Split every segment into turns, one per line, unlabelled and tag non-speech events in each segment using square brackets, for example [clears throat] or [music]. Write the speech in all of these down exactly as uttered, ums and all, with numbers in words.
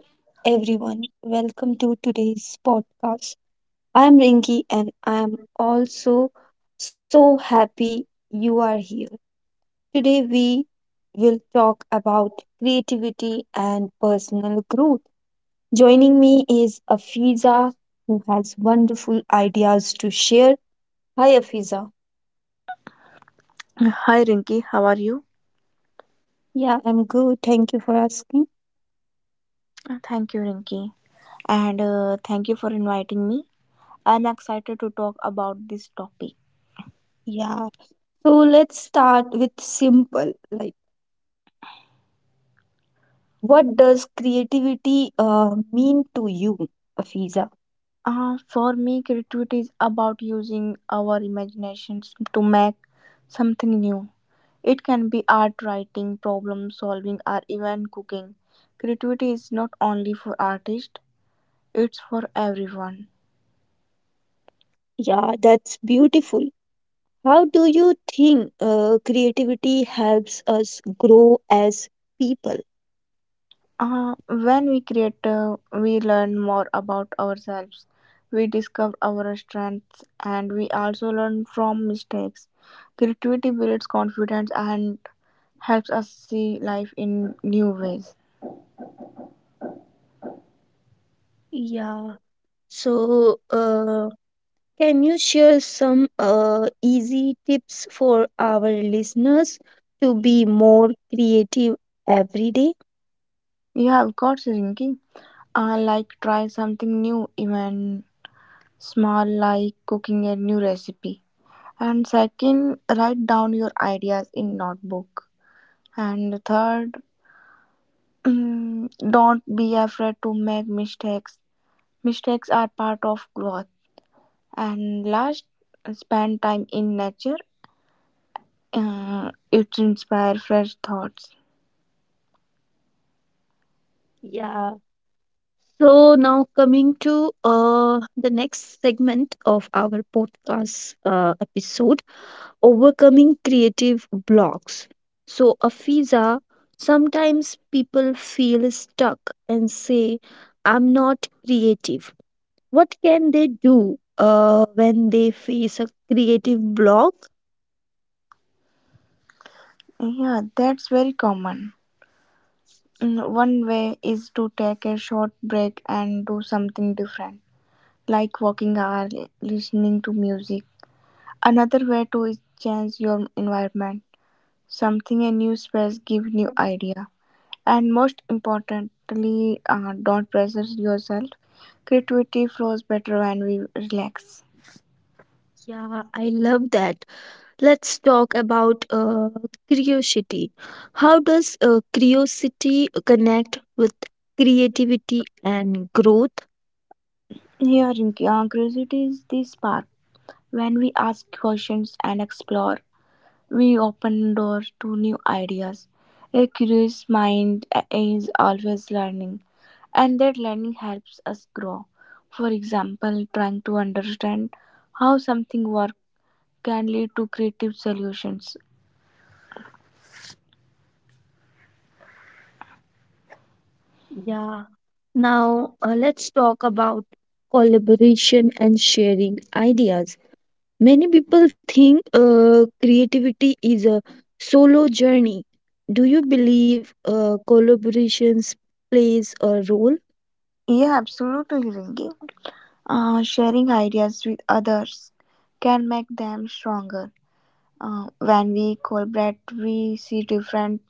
Hello, everyone. Welcome to today's podcast. I'm Rinki, and I'm also so happy you are here. Today, we will talk about creativity and personal growth. Joining me is Afiza, who has wonderful ideas to share. Hi, Afiza.
Hi Rinki, how are you?
Yeah, I'm good. Thank you for asking.
Uh, Thank you, Rinki, and uh, thank you for inviting me. I'm excited to talk about this topic.
Yeah. So, let's start with simple, like what does creativity uh, mean to you, Afiza?
Uh, for me, creativity is about using our imaginations to make something new. It can be art writing, problem solving, or even cooking. Creativity is not only for artists, it's for everyone.
Yeah, that's beautiful. How do you think uh, creativity helps us grow as people?
Uh, when we create, uh, we learn more about ourselves. We discover our strengths and we also learn from mistakes. Creativity builds confidence and helps us see life in new ways.
Yeah, so uh, can you share some uh, easy tips for our listeners to be more creative every day?
You have got thinking. Uh, like try something new, even small, like cooking a new recipe. And second, write down your ideas in notebook. And third, [clears throat] mm, don't be afraid to make mistakes. Mistakes are part of growth. And last, spend time in nature. Uh, it inspires fresh thoughts.
Yeah, so now coming to uh, the next segment of our podcast uh, episode, overcoming creative blocks. So Afiza, sometimes people feel stuck and say, "I'm not creative." What can they do uh, when they face a creative block?
Yeah, that's very common. Mm, One way is to take a short break and do something different, like walking or li- listening to music. Another way to is change your environment. Something a new space give new idea. And most importantly, uh, don't pressure yourself. Creativity flows better when we relax.
Yeah, I love that. Let's talk about uh, curiosity. How does uh, curiosity connect with creativity and growth?
Yeah, Rinki, uh, curiosity is the spark. When we ask questions and explore, we open doors to new ideas. A curious mind uh, is always learning, and that learning helps us grow. For example, trying to understand how something works can lead to creative solutions.
Yeah. Now, uh, let's talk about collaboration and sharing ideas. Many people think uh, creativity is a solo journey. Do you believe uh, collaborations plays a role?
Yeah, absolutely, Rinki. Uh, sharing ideas with others can make them stronger. Uh, when we collaborate, we see different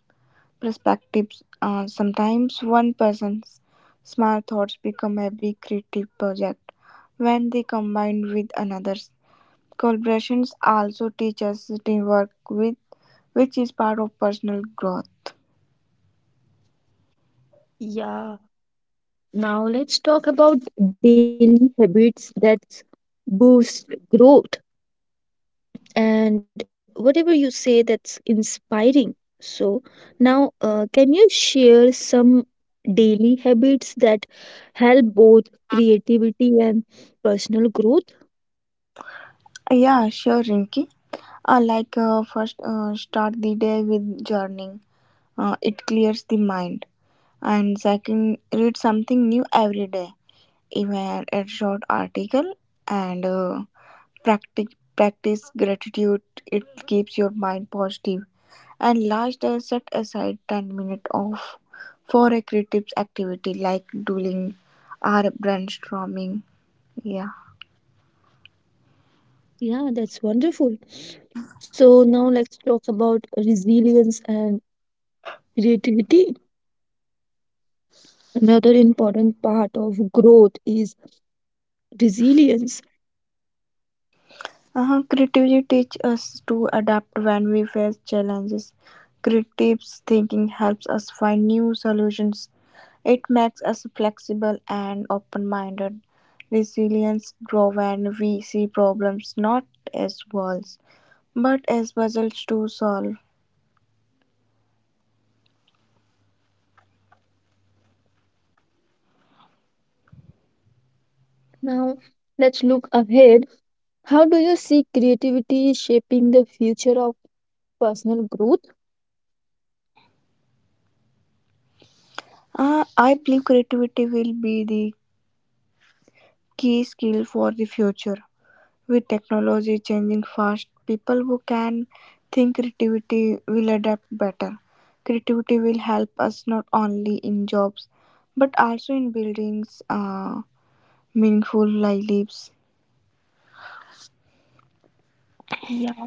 perspectives. Uh, sometimes one person's smart thoughts become a big creative project when they combine with another's. Collaborations also teach us teamwork, with, which is part of personal growth.
Yeah. Now let's talk about daily habits that boost growth and whatever you say that's inspiring. So now uh, can you share some daily habits that help both creativity and personal growth?
Yeah, sure, Rinki. I like uh, first uh, start the day with journaling. Uh, it clears the mind. And second, read something new every day, even a short article and uh, Practice, practice gratitude. It keeps your mind positive. And last, uh, set aside ten minutes off for a creative activity like doodling or brainstorming. Yeah.
Yeah, that's wonderful. So now let's talk about resilience and creativity. Another important part of growth is resilience.
Uh-huh. Creativity teaches us to adapt when we face challenges. Creative thinking helps us find new solutions. It makes us flexible and open minded. Resilience grows when we see problems not as walls but as puzzles to solve.
Now let's look ahead. How do you see creativity shaping the future of personal growth?
Uh, I believe creativity will be the key skill for the future. With technology changing fast, people who can think creativity will adapt better. Creativity will help us not only in jobs but also in buildings uh, meaningful lives.
Yeah.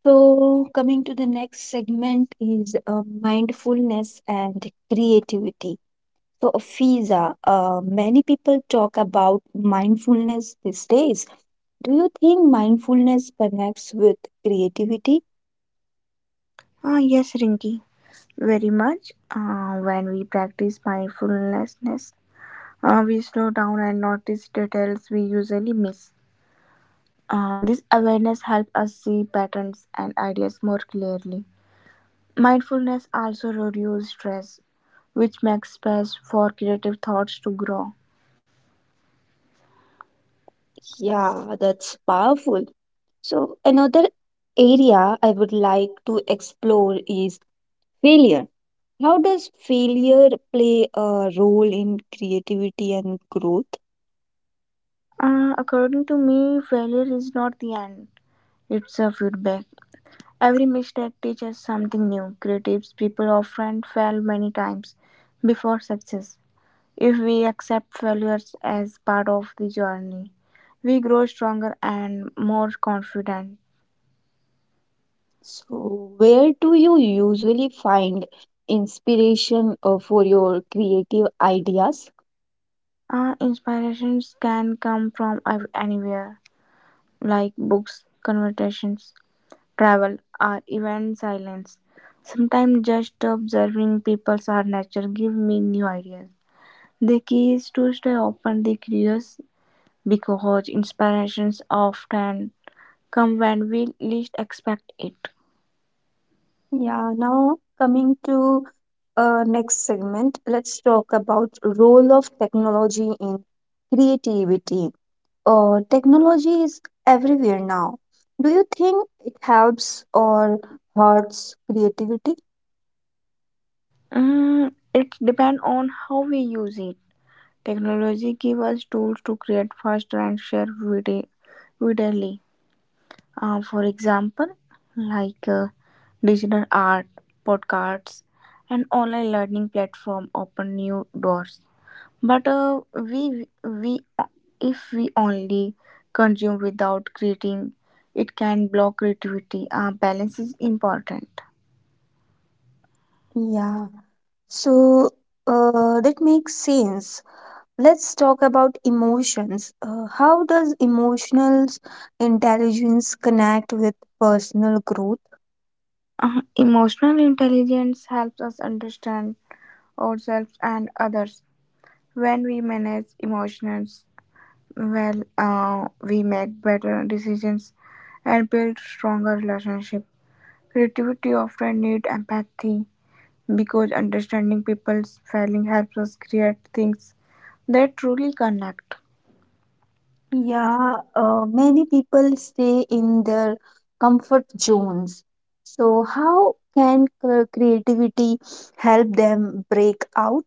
So, coming to the next segment is uh, mindfulness and creativity. So, Fiza, uh, many people talk about mindfulness these days. Do you think mindfulness connects with creativity?
Ah, yes, Rinky, very much. Uh, when we practice mindfulness, uh, we slow down and notice details we usually miss. Uh, this awareness helps us see patterns and ideas more clearly. Mindfulness also reduces stress, which makes space for creative thoughts to grow.
Yeah, that's powerful. So, another area I would like to explore is failure. How does failure play a role in creativity and growth?
Uh, according to me, failure is not the end, it's a feedback. Every mistake teaches something new. Creative people often fail many times before success. If we accept failures as part of the journey, we grow stronger and more confident.
So, where do you usually find inspiration uh, for your creative ideas?
Uh, inspirations can come from av- anywhere, like books, conversations, travel, or even silence. Sometimes just observing people's or nature give me new ideas. The key is to stay openly curious because inspirations often come when we least expect it.
Yeah, now coming to uh, next segment, let's talk about role of technology in creativity. Uh, technology is everywhere now. Do you think it helps or hurts creativity?
Mm, it depends on how we use it. Technology gives us tools to create faster and share vide- readily. Uh, for example, like uh, digital art, podcasts, and online learning platform open new doors. But uh, we we if we only consume without creating, it can block creativity. Uh, balance is important.
Yeah. So uh, that makes sense. Let's talk about emotions. Uh, how does emotional intelligence connect with personal growth?
Uh, emotional intelligence helps us understand ourselves and others. When we manage emotions well uh, we make better decisions and build stronger relationships. Creativity often needs empathy because understanding people's feelings helps us create things that truly connect.
Yeah, uh, many people stay in their comfort zones. So, how can cre- creativity help them break out?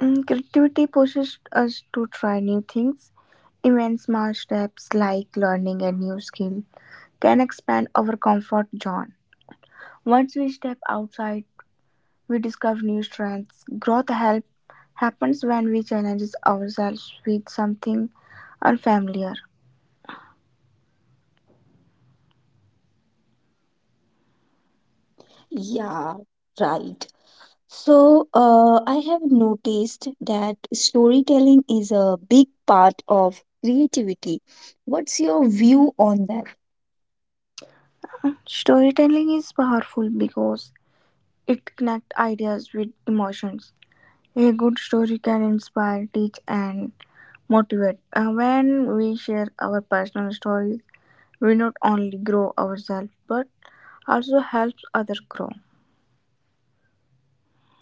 Mm, Creativity pushes us to try new things. Even small steps like learning a new skill can expand our comfort zone. Once we step outside, we discover new strengths. Growth help happens when we challenge ourselves with something unfamiliar.
Yeah, right. So, uh, I have noticed that storytelling is a big part of creativity. What's your view on that?
Storytelling is powerful because it connects ideas with emotions. A good story can inspire, teach, and motivate. Uh, when we share our personal stories, we not only grow ourselves but also helps others grow.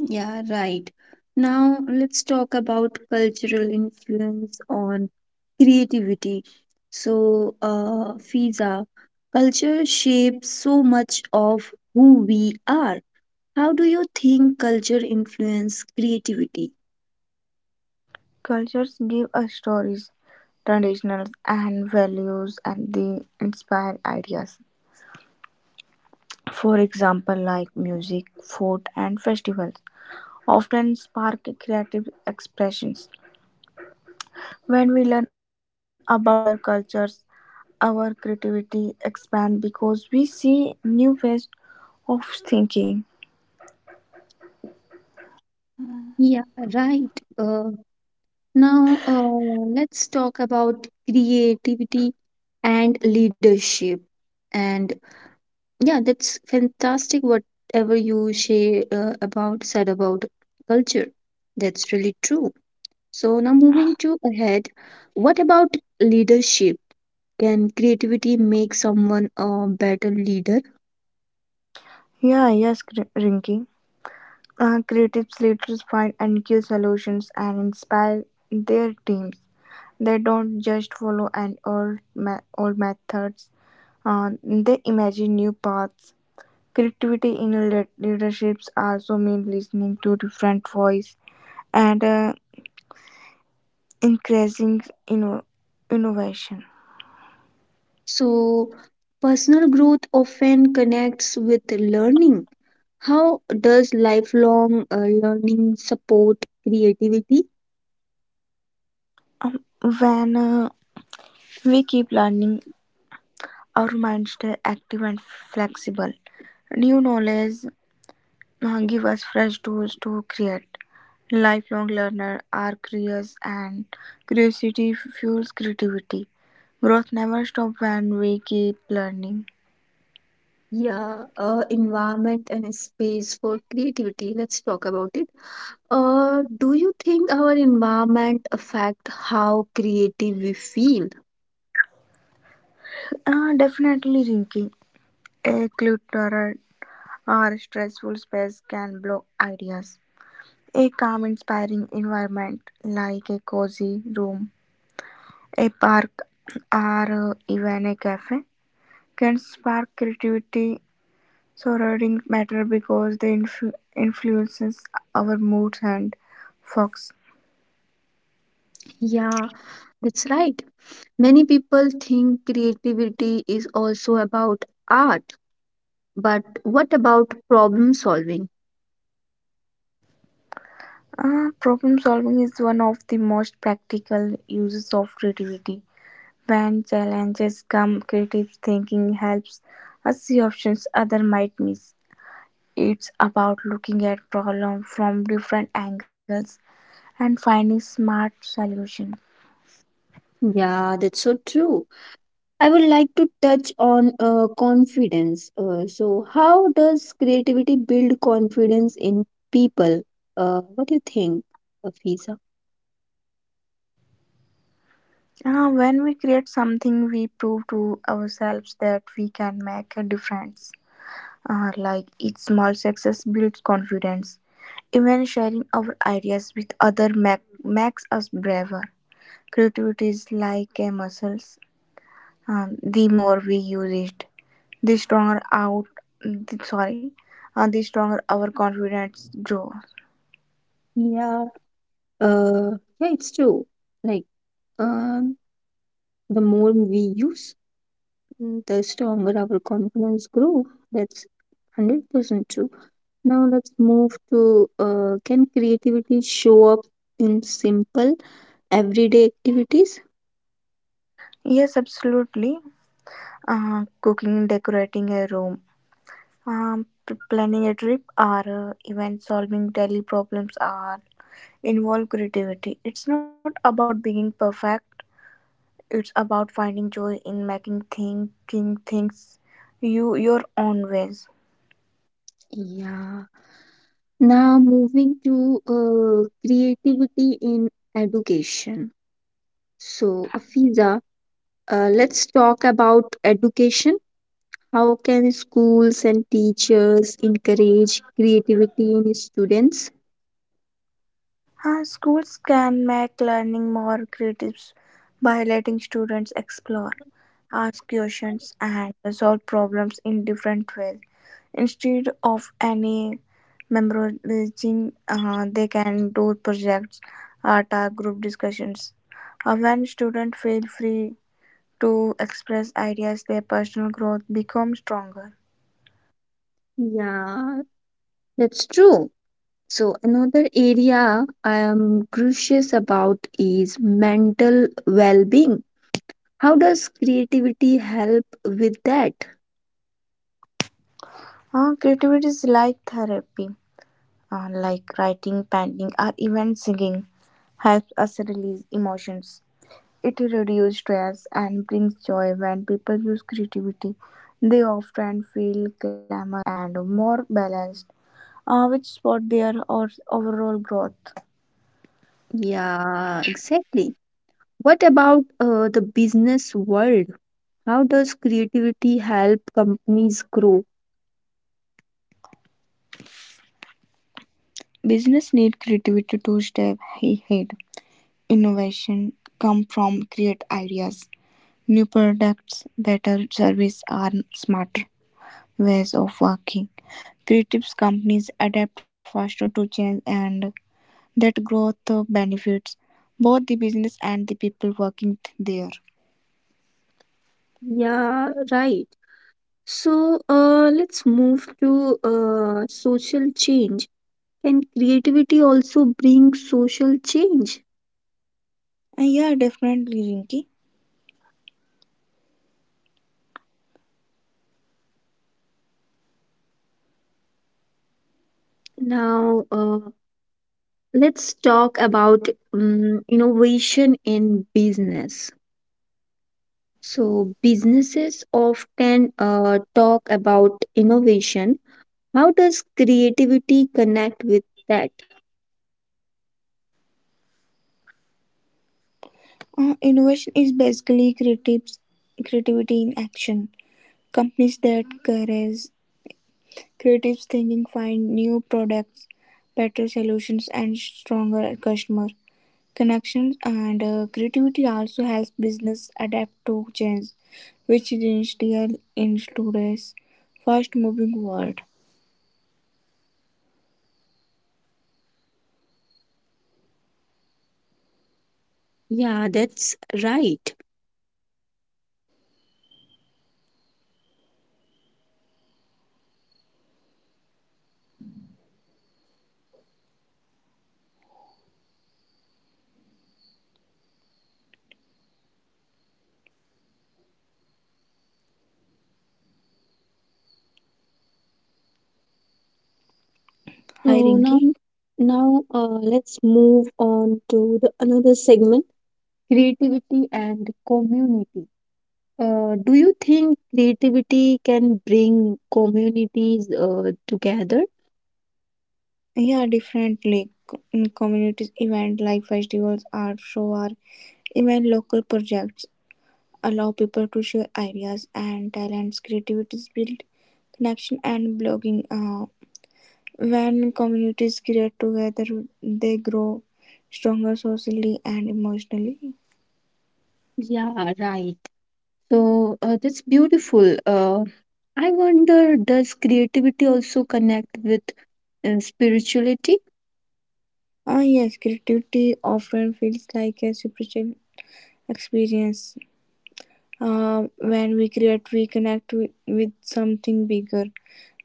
Yeah, right. Now let's talk about cultural influence on creativity. So, uh, Fiza, culture shapes so much of who we are. How do you think culture influence creativity?
Cultures give us stories, traditions, and values, and they inspire ideas. For example, like music, food, and festivals often spark creative expressions. When we learn about other cultures, our creativity expands because we see new ways of thinking.
Yeah, right. Uh, now, uh, let's talk about creativity and leadership. And yeah, that's fantastic, whatever you share uh, about said about culture. That's really true. So now moving to ahead, what about leadership? Can creativity make someone a better leader?
Yeah, yes, Kri- Rinki. Uh, creative leaders find and give solutions and inspire their teams. They don't just follow an old, ma- old methods. Uh, they imagine new paths. Creativity in le- leaderships also means listening to different voices and uh, increasing inno- innovation.
So personal growth often connects with learning. How does lifelong uh, learning support creativity?
When uh, we keep learning, our minds stay active and flexible. New knowledge uh, give us fresh tools to create. Lifelong learner are curious, and curiosity fuels creativity. Growth never stops when we keep learning.
Yeah, uh, environment and space for creativity. Let's talk about it. Uh, do you think our environment affect how creative we feel?
Uh, definitely, Rinky, a clutterer our stressful space can block ideas. A calm, inspiring environment like a cozy room, a park, or uh, even a cafe can spark creativity. Surroundings matter because they influ- influences our moods and focus.
Yeah, that's right. Many people think creativity is also about art, but what about problem solving?
Uh, problem solving is one of the most practical uses of creativity. When challenges come, creative thinking helps us see options other might miss. It's about looking at problem from different angles and finding smart solution.
Yeah, that's so true. I would like to touch on uh, confidence. Uh, so, how does creativity build confidence in people? Uh, what do you think, Fiza?
Uh, when we create something, we prove to ourselves that we can make a difference. Uh, like each small success builds confidence. Even sharing our ideas with other make, makes us braver. Creativity is like a muscle. Um, the more we use it, the stronger out. The, sorry, uh, the stronger our confidence grows.
Yeah, uh, yeah, it's true. Like, um, the more we use, Mm, the stronger our confidence grow. That's one hundred percent true. Now let's move to, uh, can creativity show up in simple everyday activities?
Yes, absolutely. Uh, cooking, decorating a room, um, p- planning a trip, or uh, even solving daily problems are involve creativity. It's not about being perfect. It's about finding joy in making thinking things you your own ways.
Yeah. Now moving to uh, creativity in education. So, Afiza, uh, let's talk about education. How can schools and teachers encourage creativity in students?
Uh, schools can make learning more creative by letting students explore, ask questions, and solve problems in different ways. Instead of any memorizing, uh, they can do projects, art, or group discussions. Uh, when students feel free to express ideas, their personal growth becomes stronger.
Yeah, that's true. So another area I am curious about is mental well-being. How does creativity help with that?
Uh, creativity is like therapy. Uh, like writing, painting, or even singing, helps us release emotions. It reduces stress and brings joy when people use creativity. They often feel calmer and more balanced, uh, which support their or overall growth.
Yeah, exactly. What about uh, the business world? How does creativity help companies grow?
Business need creativity to stay ahead. Innovation come from create ideas, new products, better service, are smarter ways of working. Creative companies adapt faster to change and that growth benefits both the business and the people working there.
Yeah, right. So uh, let's move to uh, social change. Can creativity also bring social change?
Uh, yeah, definitely, Rinki.
Now, uh, let's talk about um, innovation in business. So businesses often uh, talk about innovation. How does creativity connect with that?
Uh, innovation is basically creative, creativity in action. Companies that encourage creative thinking find new products, better solutions, and stronger customer connections and uh, creativity also helps business adapt to change, which is essential in today's fast-moving world.
Yeah, that's right.
Hi,
So now,
Rinki.
now uh, let's move on to the another segment, creativity and community. Uh, do you think creativity can bring communities uh, together?
Yeah, differently. In communities, event like festivals, art show, or even local projects allow people to share ideas and talents. Creativity build connection and blogging. Uh, when communities create together, they grow stronger socially and emotionally.
Yeah, right. So uh, that's beautiful. Uh, I wonder, does creativity also connect with uh, spirituality?
Ah, yes, creativity often feels like a spiritual experience. Uh, when we create, we connect with, with something bigger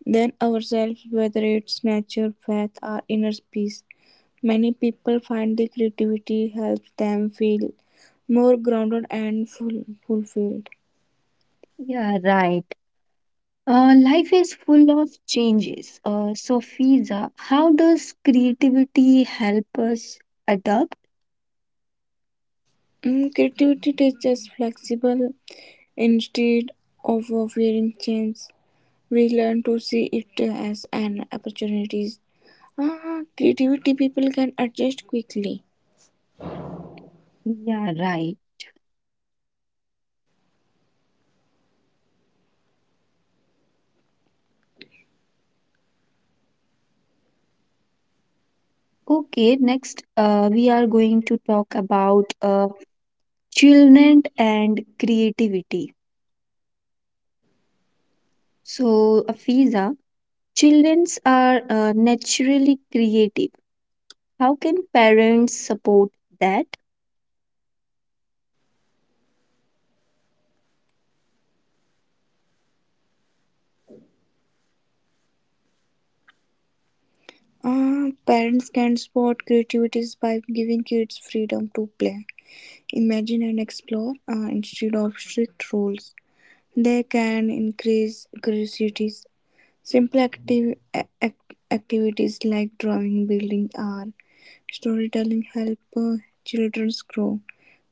than ourselves, whether it's nature, faith, or inner peace. Many people find the creativity helps them feel more grounded and full, fulfilled.
Yeah, right. Uh, life is full of changes. Uh, so, Fiza, how does creativity help us adapt?
Mm, creativity teaches flexible instead of fearing change. We learn to see it as an opportunity. Uh, creativity people can adjust quickly.
Yeah, right. Okay, next uh, we are going to talk about uh, children and creativity. So, uh, Fiza, children are uh, naturally creative. How can parents support that?
Uh, parents can spot creativities by giving kids freedom to play, imagine, and explore uh, instead of strict rules. They can increase curiosities. Simple active ac- activities like drawing, building, or storytelling help uh, children grow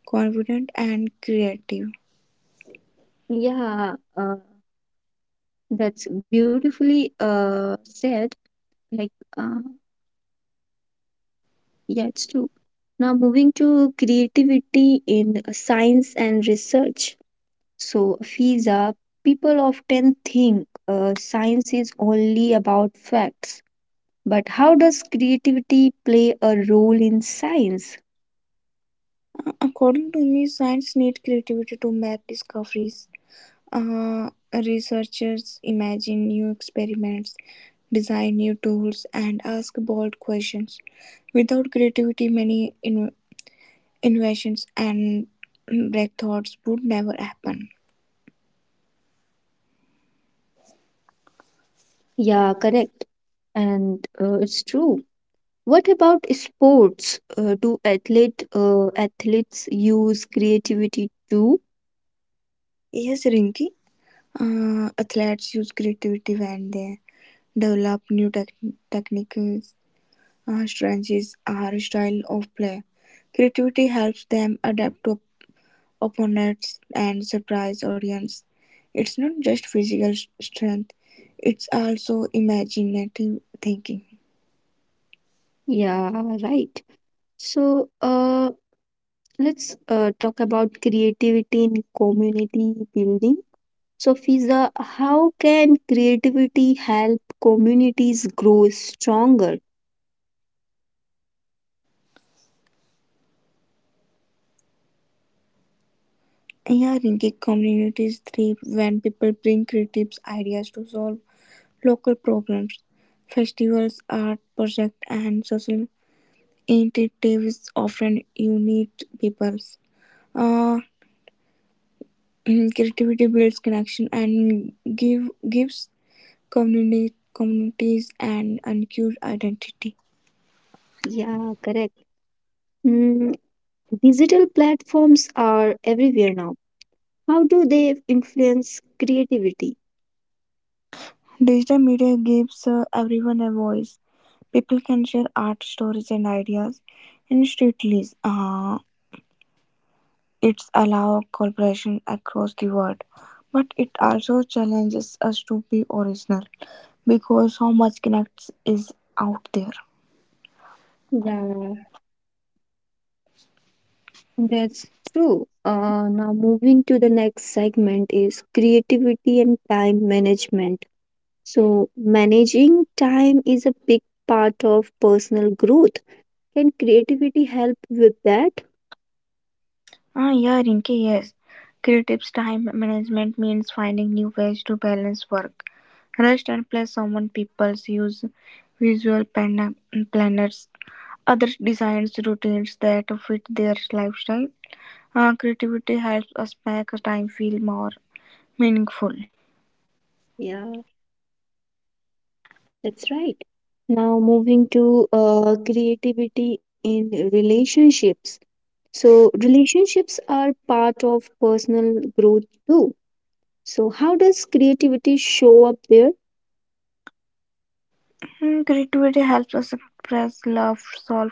confident and creative.
Yeah, uh, that's beautifully uh, said. Like, uh, yeah, it's true. Now, moving to creativity in uh, science and research. So, Fiza, people often think uh, science is only about facts, but how does creativity play a role in science?
Uh, according to me, science needs creativity to make discoveries. Uh, researchers imagine new experiments, design new tools, and ask bold questions. Without creativity, many in- inventions and breakthroughs would never happen.
Yeah, correct. And uh, it's true. What about sports? Uh, do athlete uh, athletes use creativity too?
Yes, Rinki. Uh, athletes use creativity when they develop new tech- techniques, uh, strategies, or style of play. Creativity helps them adapt to opponents and surprise audience. It's not just physical strength, it's also imaginative thinking.
Yeah, right. So uh, let's uh, talk about creativity in community building. So Fiza, how can creativity help communities grow stronger?
Yeah, Rinky, communities thrive when people bring creative ideas to solve local problems. Festivals, art projects, and social initiatives often unite peoples. Uh, [clears throat] creativity builds connection and give gives community, communities an uncured identity.
Yeah, correct. Mm, digital platforms are everywhere now. How do they influence creativity?
Digital media gives uh, everyone a voice. People can share art stories and ideas instantly. Uh, It's allow collaboration across the world, but it also challenges us to be original because how much connects is out there.
Yeah, that's true. Uh, now, moving to the next segment is creativity and time management. So, managing time is a big part of personal growth. Can creativity help with that?
Ah, yeah, Rinki, yes. Creative's time management means finding new ways to balance work, rest, and play. Someone people's use visual plan- planners, others designs routines that fit their lifestyle. Ah, creativity helps us make time feel more meaningful.
Yeah, that's right. Now, moving to uh, creativity in relationships. So, relationships are part of personal growth too. So, how does creativity show up there?
Mm, Creativity helps us express love, solve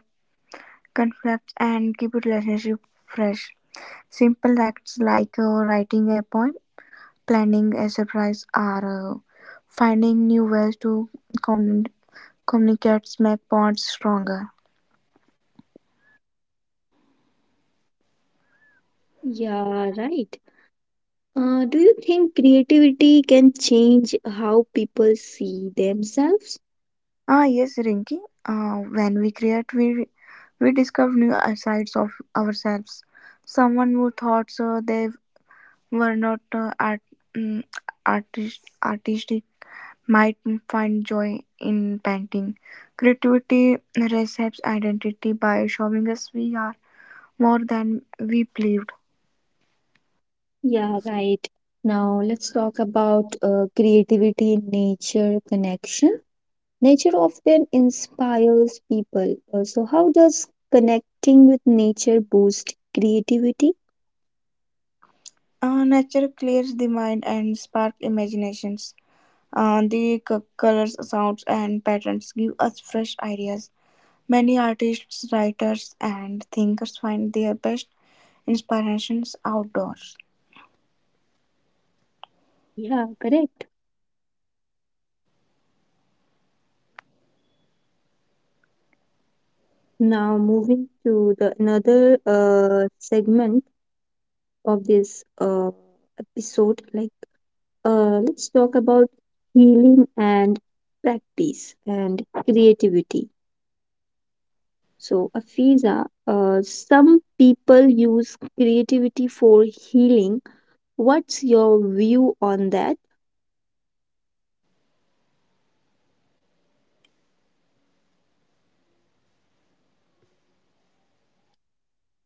conflicts, and keep relationship fresh. Simple acts like uh, writing a poem, planning a surprise, or uh, finding new ways to commun- communicate make bonds stronger.
Yeah, right. Uh, do you think creativity can change how people see themselves?
Ah, yes, Rinki. Uh, when we create, we we discover new sides of ourselves. Someone who thought uh, they were not uh, art, mm, artist, artistic might find joy in painting. Creativity reshapes identity by showing us we are more than we believed.
Yeah, right. Now let's talk about uh, creativity in nature connection. Nature often inspires people. Uh, so, how does connecting with nature boost creativity?
Uh, nature clears the mind and sparks imaginations. Uh, the c- colors, sounds, and patterns give us fresh ideas. Many artists, writers, and thinkers find their best inspirations outdoors.
Yeah, correct. Now moving to the another uh, segment of this uh, episode, like uh, let's talk about healing and practice and creativity. So, Afiza, uh, some people use creativity for healing. What's your view on that?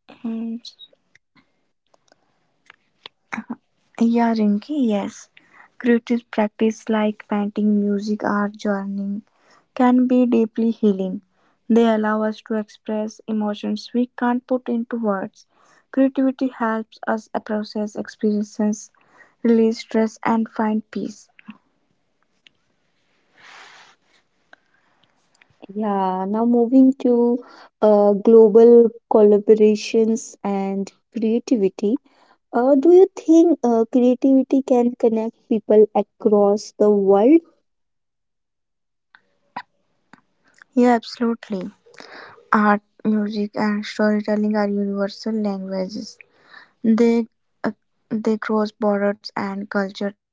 Hmm. Yeah, Rinki, yes. Creative practice like painting, music, art, journaling can be deeply healing. They allow us to express emotions we can't put into words. Creativity helps us process experiences, release stress, and find peace.
Yeah, now moving to uh, global collaborations and creativity. Uh, do you think uh, creativity can connect people across the world?
Yeah, absolutely. Art, music, and storytelling are universal languages. They uh, they cross borders and cultures.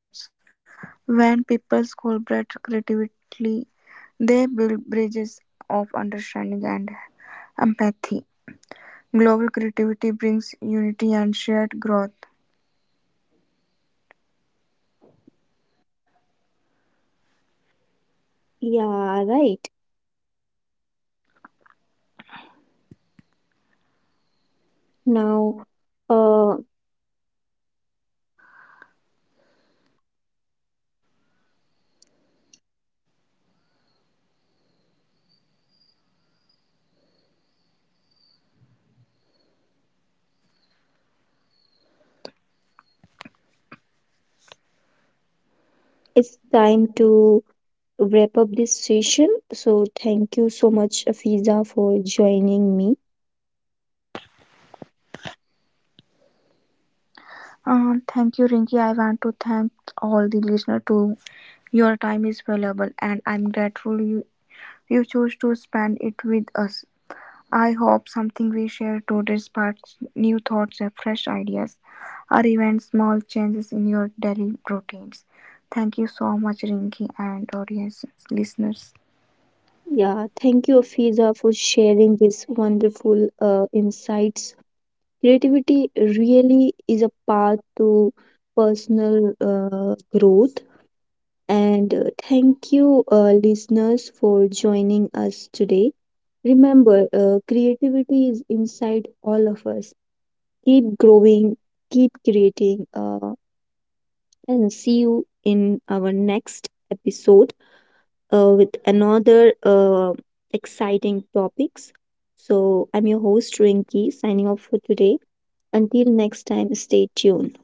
When people collaborate creatively, they build bridges of understanding and empathy. Global creativity brings unity and shared growth.
Yeah, right. Now, uh, it's time to wrap up this session. So, thank you so much, Afiza, for joining me.
Uh, thank you, Rinki. I want to thank all the listeners too. Your time is valuable, and I'm grateful you, you chose to spend it with us. I hope something we share today sparks new thoughts and fresh ideas, or even small changes in your daily routines. Thank you so much, Rinki, and audience listeners.
Yeah, thank you, Afiza, for sharing this wonderful uh, insights. Creativity really is a path to personal uh, growth. And uh, thank you, uh, listeners, for joining us today. Remember, uh, creativity is inside all of us. Keep growing, keep creating. Uh, and see you in our next episode uh, with another uh, exciting topics. So I'm your host Rinki signing off for today. Until next time, stay tuned.